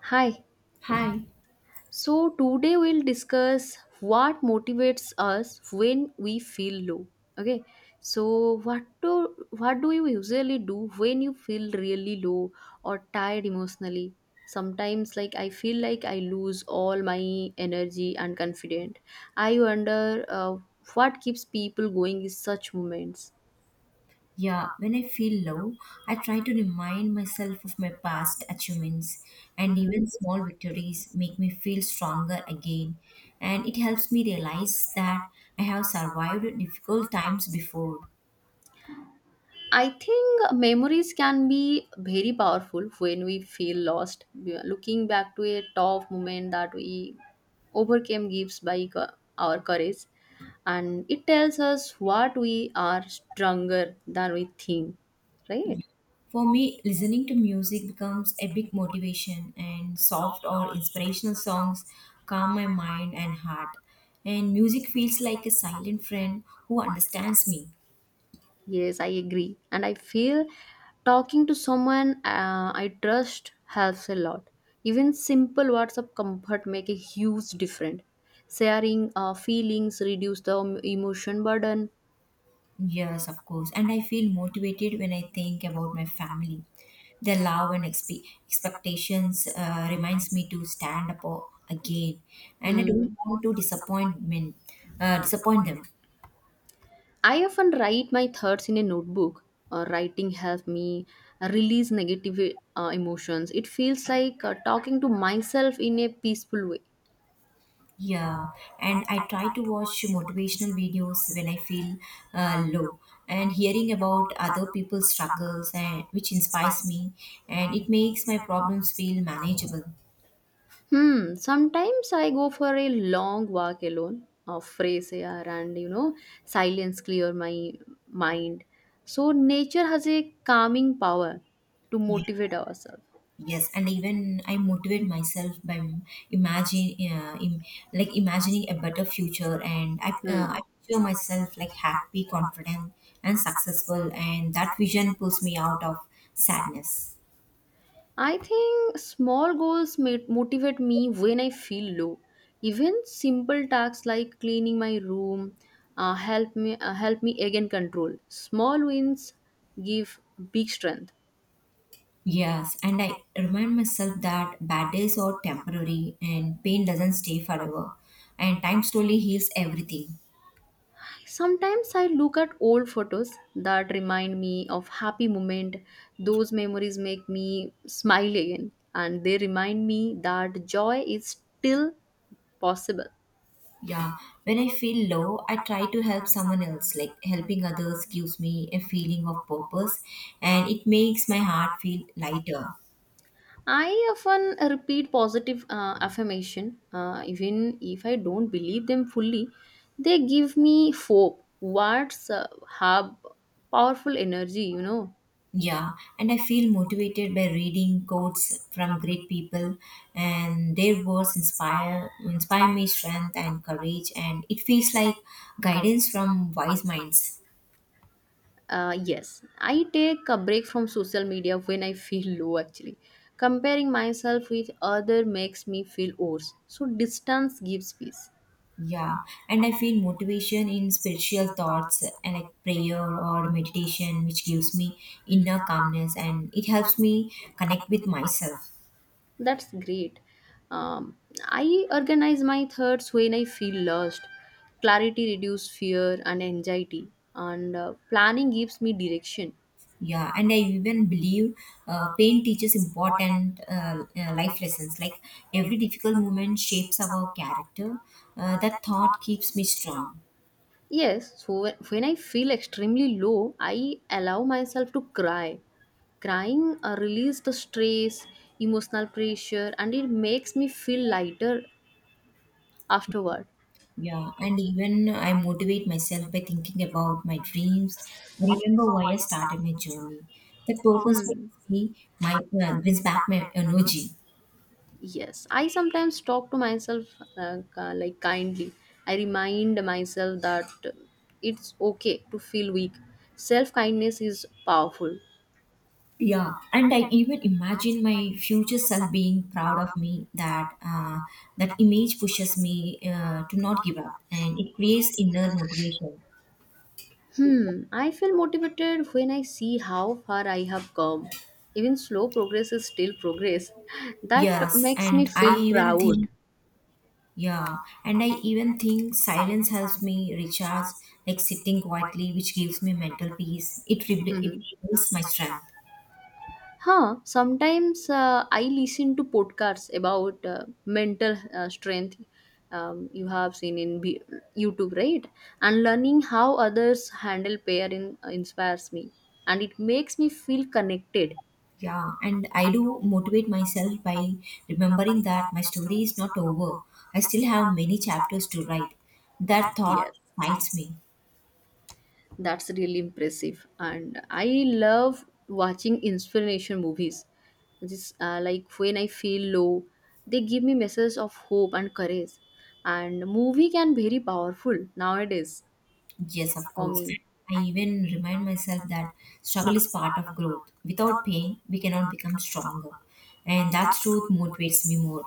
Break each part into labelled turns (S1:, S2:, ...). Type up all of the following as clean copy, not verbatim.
S1: Hi.
S2: Hi.
S1: So today we'll discuss what motivates us when we feel low. Okay. So what do you usually do when you feel really low or tired emotionally? Sometimes like I feel like I lose all my energy and confidence. I wonder what keeps people going in such moments.
S2: Yeah, when I feel low, I try to remind myself of my past achievements, and
S1: Mm-hmm.
S2: even small victories make me feel stronger again. And it helps me realize that I have survived difficult times before.
S1: I think memories can be very powerful when we feel lost. Looking back to a tough moment that we overcame gives our courage, and it tells us what we are stronger than we think, right?
S2: For me, listening to music becomes a big motivation, and soft or inspirational songs calm my mind and heart. And music feels like a silent friend who understands me.
S1: Yes, I agree. And I feel talking to someone I trust helps a lot. Even simple words of comfort make a huge difference. Sharing feelings reduce the emotion burden.
S2: Yes, of course. And I feel motivated when I think about my family. Their love and expectations reminds me to stand up again. And I don't
S1: Hmm.
S2: want to disappoint men, disappoint them.
S1: I often write my thoughts in a notebook. Writing helps me release negative emotions. It feels like talking to myself in a peaceful way.
S2: Yeah, and I try to watch motivational videos when I feel low. And hearing about other people's struggles and which inspires me, and it makes my problems feel manageable.
S1: Hmm. Sometimes I go for a long walk alone, fresh air, and you know, silence clear my mind. So nature has a calming power to motivate ourselves.
S2: Yes, and even I motivate myself by imagine, uh, im- like imagining a better future, and
S1: Hmm.
S2: I feel myself like happy, confident, and successful, and that vision pulls me out of sadness.
S1: I think small goals motivate me when I feel low. Even simple tasks like cleaning my room help me again control. Small wins give big strength.
S2: Yes, and I remind myself that bad days are temporary, and pain doesn't stay forever, and time slowly heals everything.
S1: Sometimes I look at old photos that remind me of happy moment. Those memories make me smile again and they remind me that joy is still possible.
S2: Yeah, when I feel low, I try to help someone else. Like helping others gives me a feeling of purpose and it makes my heart feel lighter.
S1: I often repeat positive affirmation, even if I don't believe them fully. They give me hope. Words have powerful energy, you know.
S2: Yeah, and I feel motivated by reading quotes from great people and their words inspire me strength and courage and it feels like guidance from wise minds.
S1: Yes, I take a break from social media when I feel low. Actually, comparing myself with other makes me feel worse. So distance gives peace.
S2: Yeah, and I feel motivation in spiritual thoughts and like prayer or meditation, which gives me inner calmness and it helps me connect with myself.
S1: That's great. Um, I organize my thoughts when I feel lost. Clarity reduces fear and anxiety, and planning gives me direction.
S2: Yeah, and I even believe pain teaches important life lessons. Like every difficult moment shapes our character. That thought keeps me strong.
S1: Yes, so when I feel extremely low, I allow myself to cry. Crying releases the stress, emotional pressure, and it makes me feel lighter afterward.
S2: Yeah, and even I motivate myself by thinking about my dreams. I remember why I started my journey. The purpose
S1: Hmm.
S2: brings me my brings back my energy.
S1: Yes, I sometimes talk to myself like kindly. I remind myself that it's okay to feel weak. Self kindness is powerful.
S2: Yeah, and I even imagine my future self being proud of me. That image pushes me to not give up, and it creates inner motivation.
S1: Hmm, I feel motivated when I see how far I have come. Even slow progress is still progress. That
S2: Yes,
S1: makes me
S2: and I
S1: feel
S2: even
S1: proud.
S2: think Yeah, and I even think silence helps me recharge, like sitting quietly, which gives me mental peace. It rebuilds my strength.
S1: Sometimes I listen to podcasts about mental strength, you have seen in YouTube, right? And learning how others handle pain inspires me and it makes me feel connected.
S2: Yeah, and I do motivate myself by remembering that my story is not over. I still have many chapters to write. That thought
S1: Yes,
S2: excites me.
S1: that's really impressive. And I love watching inspiration movies. Just like when I feel low, they give me messages of hope and courage. And movie can be very powerful nowadays
S2: Yes, of
S1: for
S2: course.
S1: me.
S2: I even remind myself that struggle is part of growth. Without pain, we cannot become stronger. And that truth motivates me more.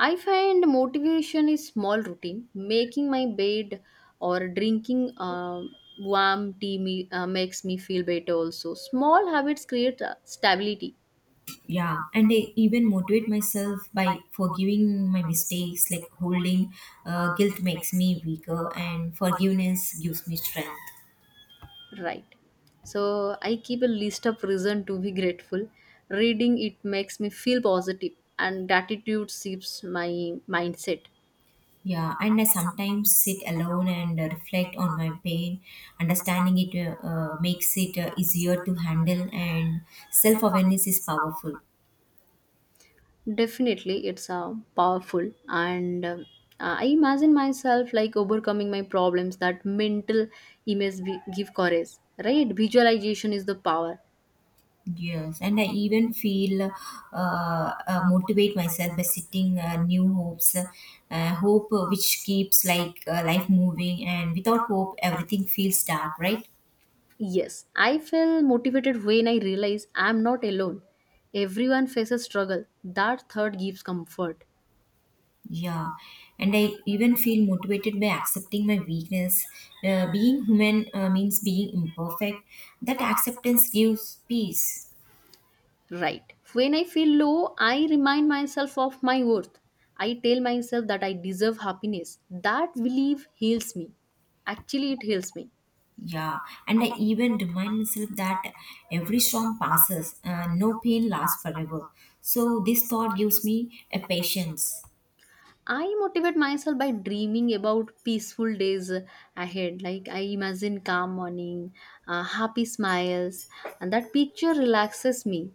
S1: I find motivation is small routine. Making my bed or drinking warm tea makes me feel better also. Small habits create stability,
S2: Yeah, and I even motivate myself by forgiving my mistakes, like holding guilt makes me weaker and forgiveness gives me strength.
S1: right? So I keep a list of reason to be grateful. Reading it makes me feel positive and gratitude shifts my mindset.
S2: Yeah, and I sometimes sit alone and reflect on my pain. Understanding it makes it easier to handle, and self-awareness is powerful.
S1: Definitely, it's powerful, and I imagine myself like overcoming my problems. That mental image give courage, right? Visualization is the power.
S2: Yes, and I even feel motivate myself by setting new hopes, hope which keeps like life moving, and without hope, everything feels dark, right?
S1: Yes, I feel motivated when I realize I'm not alone. Everyone faces struggle. That thought gives comfort,
S2: Yeah, and I even feel motivated by accepting my weakness. Being human means being imperfect. That acceptance gives peace.
S1: right? When I feel low, I remind myself of my worth. I tell myself that I deserve happiness. That belief heals me, actually it heals me.
S2: Yeah, and I even remind myself that every storm passes and no pain lasts forever. So this thought gives me a patience.
S1: I motivate myself by dreaming about peaceful days ahead. Like I imagine calm morning, happy smiles, and that picture relaxes me.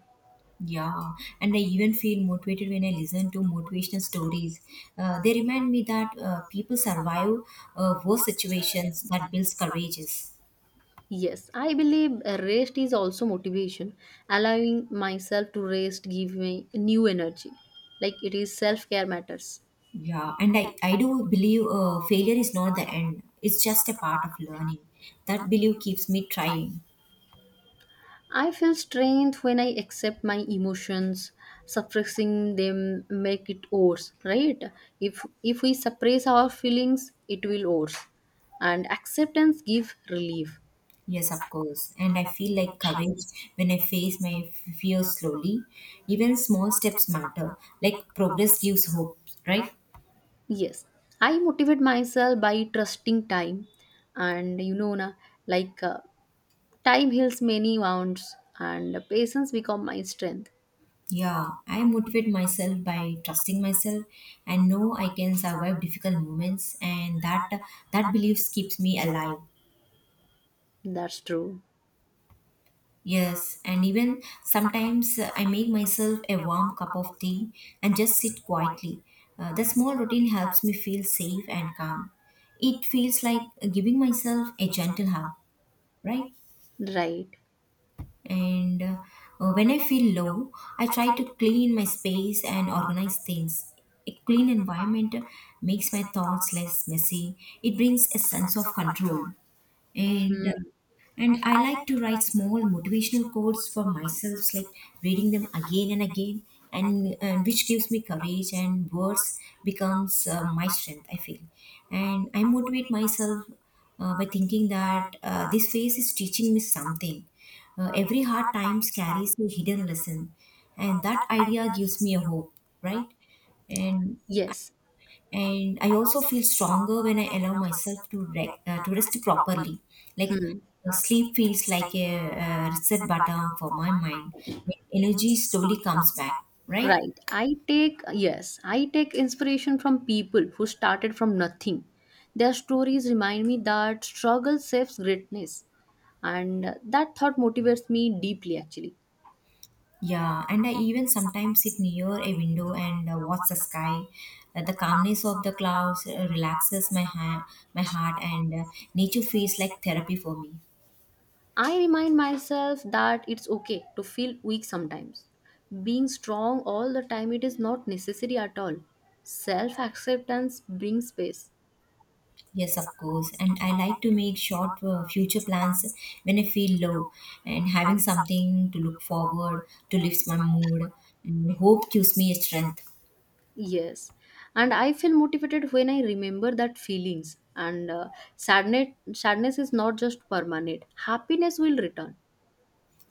S2: Yeah, and I even feel motivated when I listen to motivational stories. They remind me that people survive worse situations, that builds courageous.
S1: Yes, I believe rest is also motivation. Allowing myself to rest give me new energy. Like it is self care matters.
S2: Yeah, and I do believe failure is not the end. It's just a part of learning. That belief keeps me trying.
S1: I feel strength when I accept my emotions. Suppressing them make it worse, right? If we suppress our feelings, it will worse. And acceptance give relief.
S2: Yes, of course. And I feel like courage when I face my fears slowly. Even small steps matter. Like progress gives hope, right?
S1: Yes, I motivate myself by trusting time, and you know na, like time heals many wounds, and patience become my strength.
S2: Yeah, I motivate myself by trusting myself and know I can survive difficult moments, and that belief keeps me alive.
S1: That's true,
S2: Yes, and even sometimes I make myself a warm cup of tea and just sit quietly. The small routine helps me feel safe and calm. It feels like giving myself a gentle hug, right?
S1: right?
S2: And when I feel low, I try to clean my space and organize things. A clean environment makes my thoughts less messy. It brings a sense of control, and and I like to write small motivational quotes for myself, like reading them again and again, and which gives me courage and words becomes my strength I feel. And I motivate myself by thinking that this phase is teaching me something. Uh, every hard times carries a hidden lesson, and that idea gives me a hope, right? and
S1: Yes.
S2: and I also feel stronger when I allow myself to to rest properly. Like
S1: Hmm.
S2: sleep feels like a reset button for my mind. Like, energy slowly comes back, right?
S1: Right. I take, yes, I take inspiration from people who started from nothing. Their stories remind me that struggle saves greatness. And that thought motivates me deeply, actually.
S2: Yeah, and I even sometimes sit near a window and watch the sky. The calmness of the clouds relaxes my hand, my heart, and nature feels like therapy for me.
S1: I remind myself that it's okay to feel weak sometimes. Being strong all the time, it is not necessary at all. Self acceptance brings peace.
S2: Yes, of course. And I like to make short future plans when I feel low, and having something to look forward to lifts my mood. And hope gives me strength.
S1: Yes, and I feel motivated when I remember that feelings and sadness. Sadness is not just permanent. Happiness will return.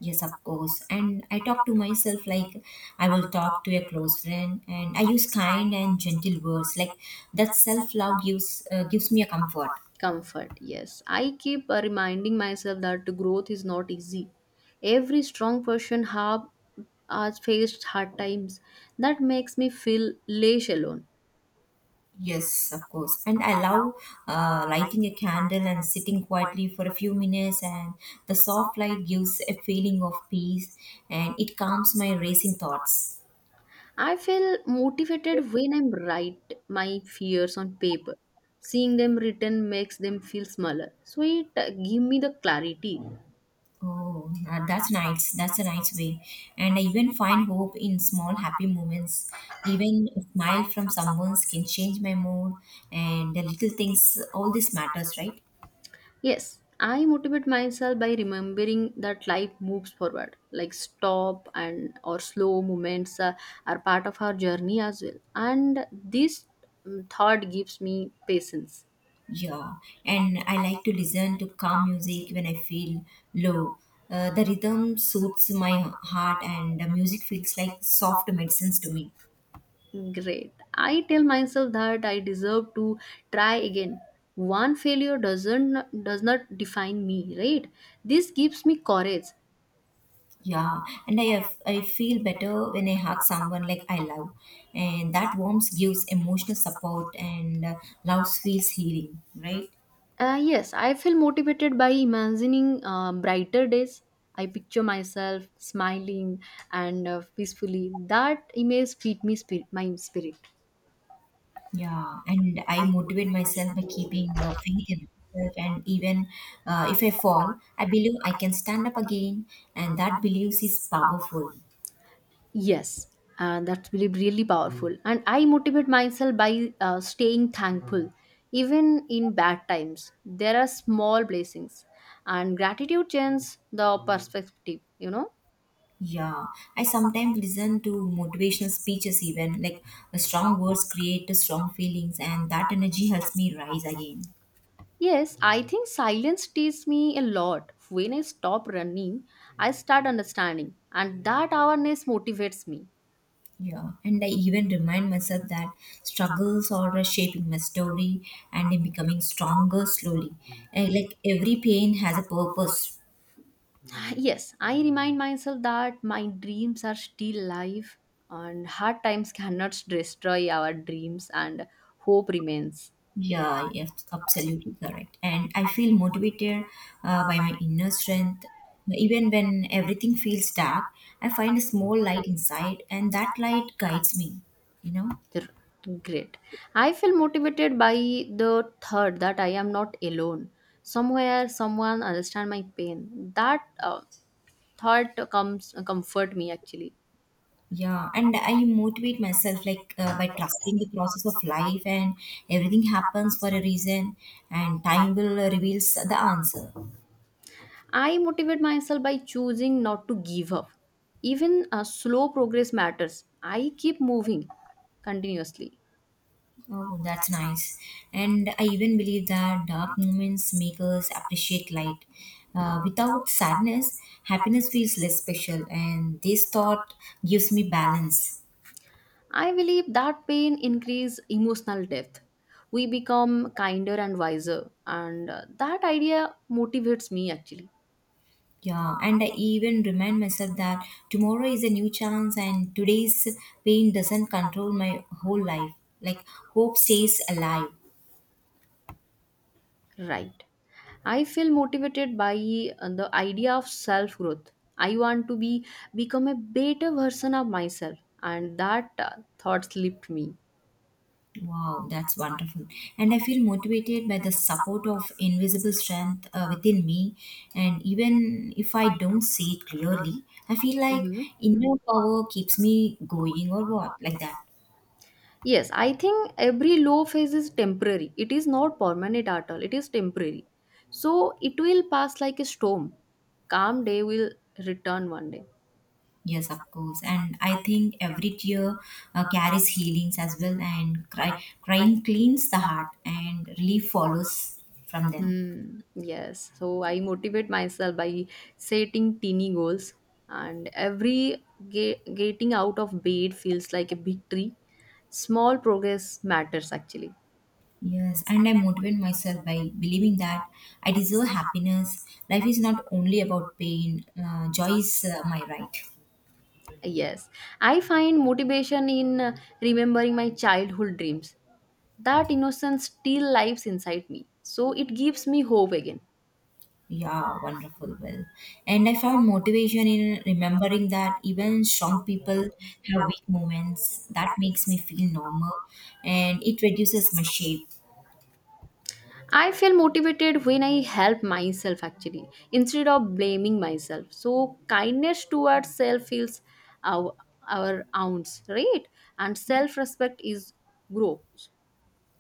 S2: Yes, of course. And I talk to myself like I will talk to a close friend, and I use kind and gentle words. Like that self love gives gives me a comfort.
S1: Comfort, yes. I keep reminding myself that growth is not easy. Every strong person have has faced hard times. That makes me feel less alone.
S2: Yes, of course. And I love lighting a candle and sitting quietly for a few minutes, and the soft light gives a feeling of peace and it calms my racing thoughts.
S1: I feel motivated when I write my fears on paper. Seeing them written makes them feel smaller. So it give me the clarity.
S2: Oh, that's nice. That's a nice way. And I even find hope in small happy moments. Even a smile from someone can change my mood, and the little things, all this matters, right?
S1: Yes, I motivate myself by remembering that life moves forward. Like stop and or slow movements are part of our journey as well. And this thought gives me patience.
S2: Yeah, and I like to listen to calm music when I feel low. The rhythm suits my heart, and the music feels like soft medicines to me.
S1: Great. I tell myself that I deserve to try again. One failure does not define me, right? This gives me courage.
S2: Yeah, and I feel better when I hug someone like I love, and that warmth gives emotional support, and love feels healing, right?
S1: Yes, I feel motivated by imagining brighter days. I picture myself smiling and peacefully. That image feed me spirit, my spirit.
S2: Yeah, and I motivate myself by keeping faith in myself, and even if I fall, I believe I can stand up again, and that belief is powerful.
S1: Yes, and that's really really powerful. Mm. And I motivate myself by staying thankful, Mm. even in bad times. There are small blessings, and gratitude changes the Mm. perspective. You know.
S2: Yeah, I sometimes listen to motivational speeches, even like the strong words create the strong feelings, and that energy helps me rise again.
S1: Yes, I think silence teaches me a lot. When I stop running, I start understanding, and that awareness motivates me.
S2: Yeah, and I even remind myself that struggles are shaping my story and I'm becoming stronger slowly. And like every pain has a purpose.
S1: Yes, I remind myself that my dreams are still alive, and hard times cannot destroy our dreams, and hope remains.
S2: Yeah, yes, absolutely correct. And I feel motivated by my inner strength. Even when everything feels dark, I find a small light inside, and that light guides me, you know?
S1: R- Great. I feel motivated by the thought that I am not alone. Somewhere, someone understand my pain. That thought comes comfort me actually.
S2: Yeah, and I motivate myself like by trusting the process of life, and everything happens for a reason, and time will reveals the answer.
S1: I motivate myself by choosing not to give up. Even a slow progress matters. I keep moving continuously.
S2: Oh, that's nice. And I even believe that dark moments make us appreciate light. Without sadness, happiness feels less special, and this thought gives me balance.
S1: I believe that pain increases emotional depth. We become kinder and wiser, and that idea motivates me actually.
S2: Yeah, and I even remind myself that tomorrow is a new chance, and today's pain doesn't control my whole life. Like, hope stays alive.
S1: Right. I feel motivated by the idea of self growth. I want to be become a better version of myself, and that thoughts lift me.
S2: Wow, that's wonderful. And I feel motivated by the support of invisible strength within me. And even if I don't see it clearly, I feel like
S1: Mhm.
S2: inner power keeps me going or what, like that.
S1: Yes, I think every low phase is temporary. It is not permanent at all. It is temporary. So it will pass like a storm. Calm day will return one day.
S2: Yes, of course. And I think every tear carries healings as well, and crying cleans the heart, and relief follows from them.
S1: Hmm. Yes. So I motivate myself by setting teeny goals, and every getting out of bed feels like a victory. Small progress matters actually.
S2: Yes, and I motivate myself by believing that I deserve happiness. Life is not only about pain, joy is my right.
S1: Yes. I find motivation in remembering my childhood dreams. That innocence still lives inside me, so it gives me hope again.
S2: Yeah, wonderful. Well, and I found motivation in remembering that even strong people have weak moments. That makes me feel normal and it reduces my shame.
S1: I feel motivated when I help myself actually instead of blaming myself. So kindness towards self feels our our ounce, right? And self respect is grows.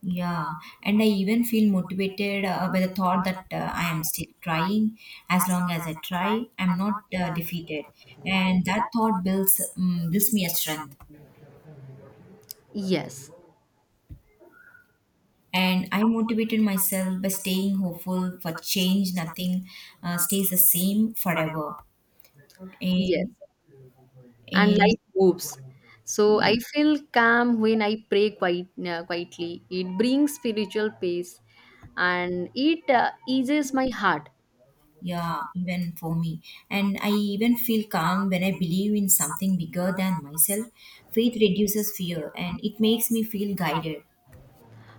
S2: Yeah, and I even feel motivated by the thought that I am still trying. As long as I try, I'm not defeated. And that thought builds gives me a strength.
S1: Yes,
S2: And I motivated myself by staying hopeful for change. Nothing stays the same forever.
S1: yes,
S2: And,
S1: and
S2: and
S1: life moves. So
S2: yeah,
S1: I feel calm when I pray quite quietly. It brings spiritual peace, and it eases my heart.
S2: yeah, even for me. And I even feel calm when I believe in something bigger than myself. Faith reduces fear and it makes me feel guided.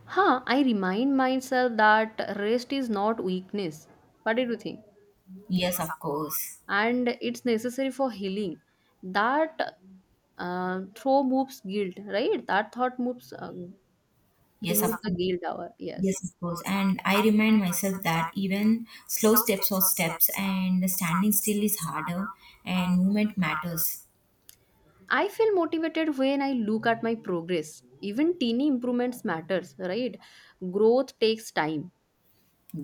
S1: Huh, I remind myself that rest is not weakness. What did you think?
S2: Yes, of course.
S1: And it's necessary for healing. That throw moves guilt, right? That thought moves,
S2: Yes, of
S1: remove the
S2: course.
S1: guilt hour. Yes.
S2: Yes, of course. And I remind myself that even slow steps or steps and standing still is harder and movement matters.
S1: I feel motivated when I look at my progress. Even teeny improvements matters, right? Growth takes time.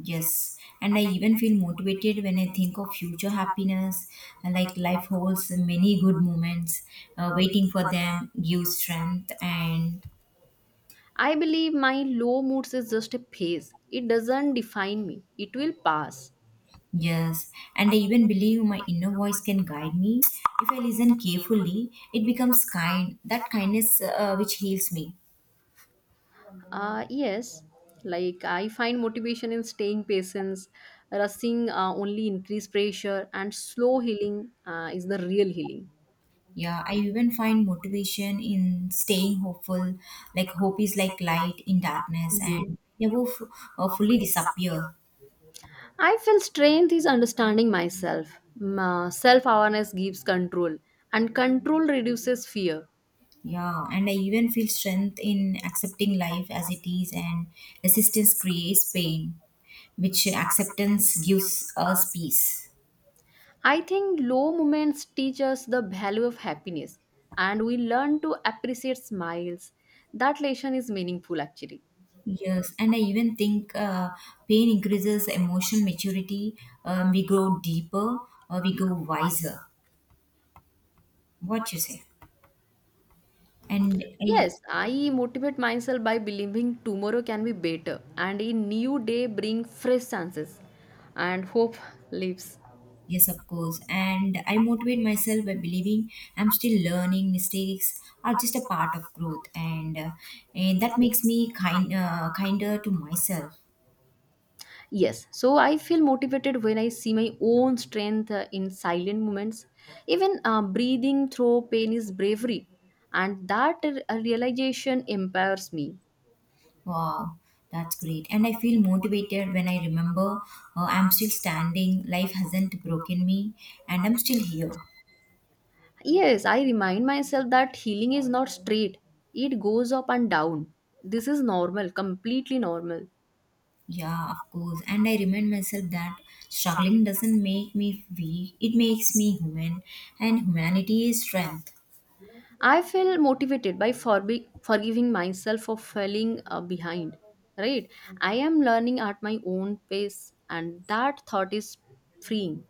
S2: Yes. And I even feel motivated when I think of future happiness. Like life holds many good moments. Waiting for them gives strength and
S1: I believe my low moods is just a phase. It doesn't define me. It will pass.
S2: yes. And I even believe my inner voice can guide me. If I listen carefully, it becomes kind. That kindness which heals me.
S1: Yes, like I find motivation in staying patience, rushing only increase pressure, and slow healing is the real healing.
S2: Yeah, I even find motivation in staying hopeful. Like hope is like light in darkness
S1: Mhm.
S2: and never fully disappear.
S1: I feel strength is understanding myself. Self awareness gives control, and control reduces fear.
S2: Yeah, and I even feel strength in accepting life as it is and resistance creates pain, which acceptance gives us peace.
S1: I think low moments teach us the value of happiness, and we learn to appreciate smiles. That lesson is meaningful actually.
S2: Yes, and I even think pain increases emotional maturity. We grow deeper, we grow wiser. What you say? And I
S1: Yes, I motivate myself by believing tomorrow can be better and a new day bring fresh chances and hope lives.
S2: Yes, of course. And I motivate myself by believing I'm still learning. Mistakes are just a part of growth, and that makes me kind kinder to myself.
S1: Yes, so I feel motivated when I see my own strength in silent moments. Even breathing through pain is bravery and that realization empowers me.
S2: Wow, that's great. And I feel motivated when I remember I'm still standing. Life hasn't broken me, and I'm still here.
S1: Yes, I remind myself that healing is not straight. It goes up and down. This is normal, completely normal.
S2: Yeah, of course. And I remind myself that struggling doesn't make me weak. It makes me human, and humanity is strength.
S1: I feel motivated by forgiving myself for falling behind, right? I am learning at my own pace, and that thought is freeing.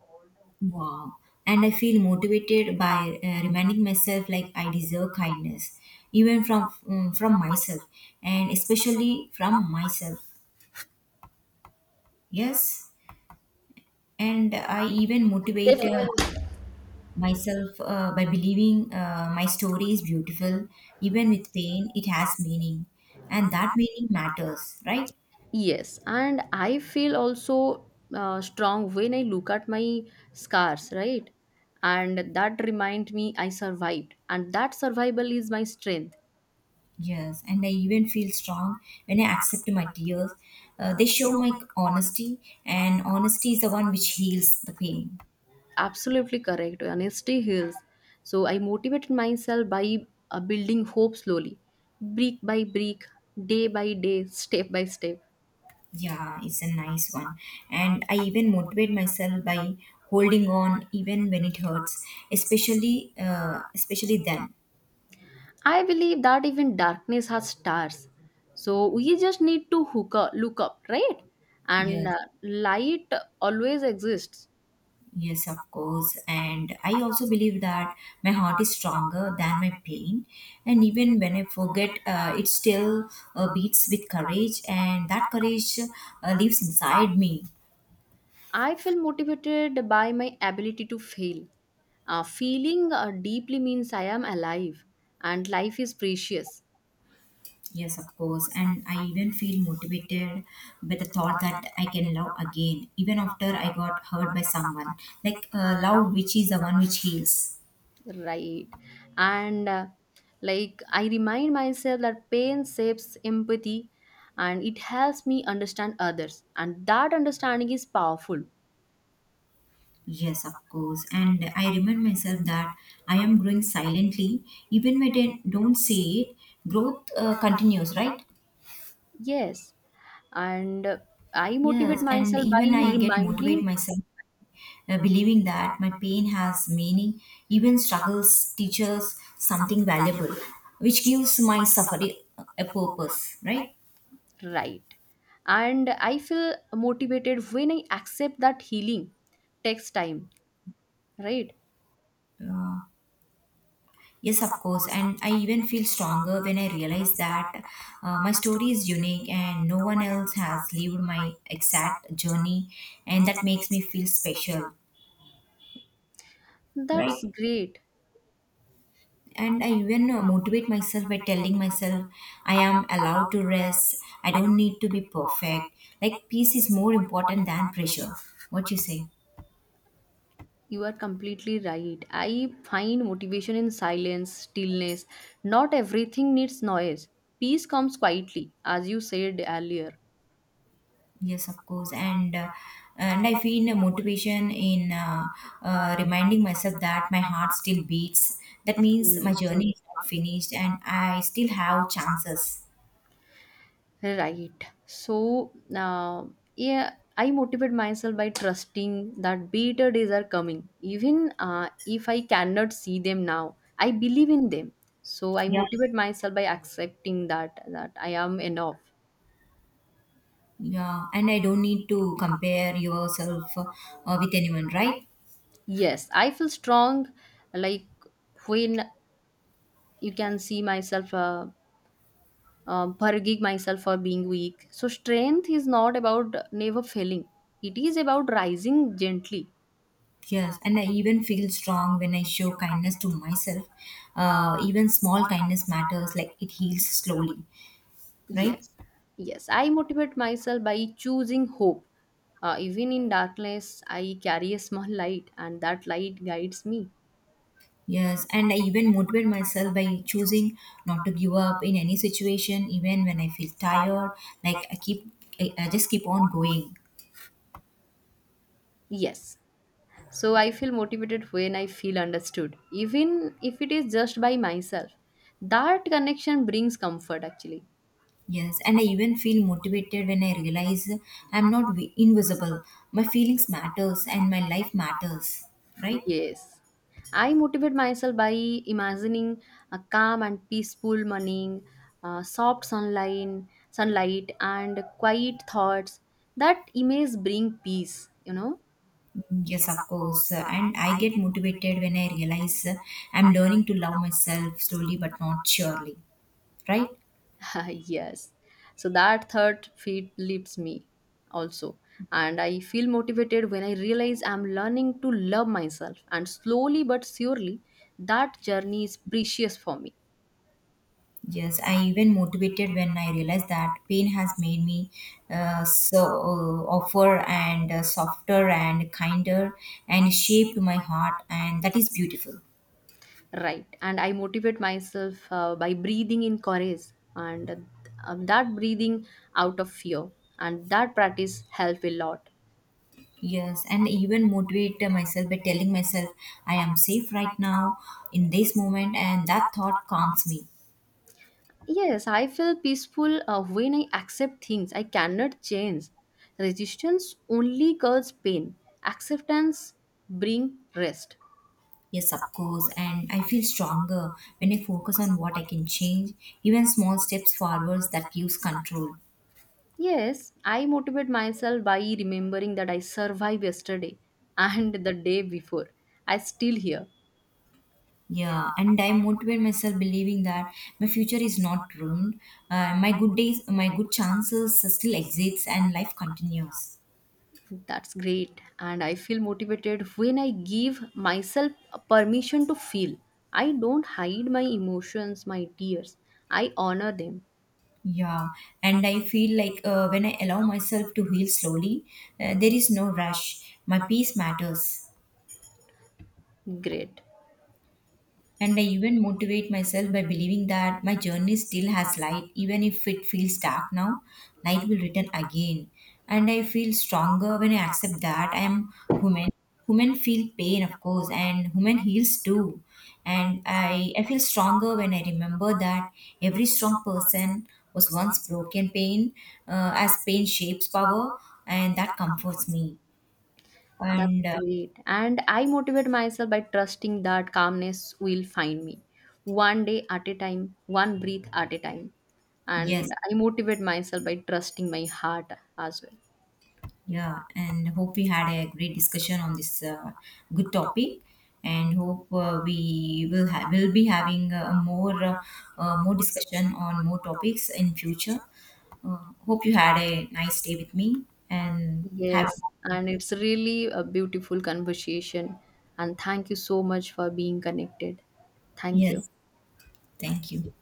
S2: Wow. And I feel motivated by reminding myself like I deserve kindness, even from from myself, and especially from myself. Yes. And I even motivate myself by believing my story is beautiful, even with pain, it has meaning, and that meaning matters, right?
S1: Yes, and I feel also strong when I look at my scars, right? And that remind me I survived, and that survival is my strength.
S2: Yes, and I even feel strong when I accept my tears. They show my honesty, and honesty is the one which heals the pain.
S1: Absolutely correct. Honesty heals. So I motivated myself by building hope slowly, brick by brick, day by day, step by step.
S2: Yeah, it's a nice one. And I even motivate myself by holding on even when it hurts, especially then.
S1: I believe that even darkness has stars. So we just need to look up, right? And
S2: Yes,
S1: light always exists.
S2: yes, of course. And I also believe that my heart is stronger than my pain. And even when I forget, it still beats with courage, and that courage lives inside me.
S1: I feel motivated by my ability to fail. Feeling deeply means I am alive and life is precious.
S2: Yes, of course. And I even feel motivated by the thought that I can love again, even after I got hurt by someone. Like, love, which is the one which heals.
S1: Right. And like I remind myself that pain shapes empathy and it helps me understand others. And that understanding is powerful.
S2: Yes, of course. And I remind myself that I am growing silently, even when I don't say it, growth continues, right?
S1: Yes. And I motivate
S2: Yes, and
S1: myself by
S2: even I get motivate
S1: reminding,
S2: myself believing that my pain has meaning, even struggles teach us something valuable, which gives my suffering a purpose, right?
S1: right. And I feel motivated when I accept that healing takes time, right?
S2: Yes, of course. And I even feel stronger when I realize that my story is unique and no one else has lived my exact journey, and that makes me feel special,
S1: That's
S2: right?
S1: great.
S2: And I even motivate myself by telling myself I am allowed to rest. I don't need to be perfect. Like peace is more important than pressure. What you say?
S1: You are completely right. I find motivation in silence, stillness. Not everything needs noise. Peace comes quietly, as you said earlier.
S2: Yes, of course. And I feel a motivation in reminding myself that my heart still beats. That means my
S1: Mm,
S2: journey is not finished and I still have chances.
S1: right. So yeah, I motivate myself by trusting that better days are coming. Even if I cannot see them now, I believe in them. So, I
S2: Yeah.
S1: motivate myself by accepting that I am enough.
S2: Yeah, and I don't need to compare yourself with anyone, right?
S1: Yes, I feel strong like when you can see myself forgiving myself for being weak, so strength is not about never failing, it is about rising gently.
S2: Yes, and I even feel strong when I show kindness to myself. Even small kindness matters, like it heals slowly, right?
S1: Yes, yes, I motivate myself by choosing hope, even in darkness. I carry a small light and that light guides me.
S2: Yes, and I even motivate myself by choosing not to give up in any situation, even when I feel tired. Like I just keep on going.
S1: Yes, so I feel motivated when I feel understood, even if it is just by myself. That connection brings comfort actually.
S2: Yes, and I even feel motivated when I realize I'm not invisible. My feelings matters, and my life matters, right?
S1: Yes. I motivate myself by imagining a calm and peaceful morning, uh, soft sunlight, sunlight and quiet thoughts. That image bring peace, you know?
S2: Yes, of course. And I get motivated when I realize I'm learning to love myself slowly but not surely. Right?
S1: Yes. So that third feed lifts me also. And I feel motivated when I realize I'm learning to love myself. And slowly but surely, that journey is precious for me.
S2: Yes, I even motivated when I realized that pain has made me so offer and softer and kinder and shaped my heart, and that is beautiful.
S1: Right. And I motivate myself by breathing in courage and that breathing out of fear. And that practice help a lot.
S2: Yes, and even motivate myself by telling myself I am safe right now in this moment, and that thought calms me.
S1: Yes, I feel peaceful when I accept things I cannot change. Resistance only causes pain. Acceptance bring rest.
S2: Yes, of course. And I feel stronger when I focus on what I can change, even small steps forwards that gives control.
S1: Yes, I motivate myself by remembering that I survived yesterday and the day before. I still here.
S2: Yeah, and I motivate myself believing that my future is not ruined. My good days, my good chances still exists, and life continues.
S1: That's great. And I feel motivated when I give myself a permission to feel. I don't hide my emotions, my tears. I honor them.
S2: Yeah, and I feel like when I allow myself to heal slowly, there is no rush. My peace matters.
S1: Great.
S2: And I even motivate myself by believing that my journey still has light, even if it feels dark now, light will return again. And I feel stronger when I accept that I am human. Human feel pain, of course, and human heals too. And I feel stronger when I remember that every strong person was once broken pain, as pain shapes power, and that comforts me.
S1: That's
S2: And
S1: great. And I motivate myself by trusting that calmness will find me. One day at a time, one breath at a time.
S2: Yes.
S1: And I motivate myself by trusting my heart as well.
S2: Yeah, and hope we had a great discussion on this good topic, and hope we will be having more discussion on more topics in future. Uh, Hope you had a nice day with me, and have
S1: Yes, and it's really a beautiful conversation. And thank you so much for being connected. Thank you.
S2: yes, thank you.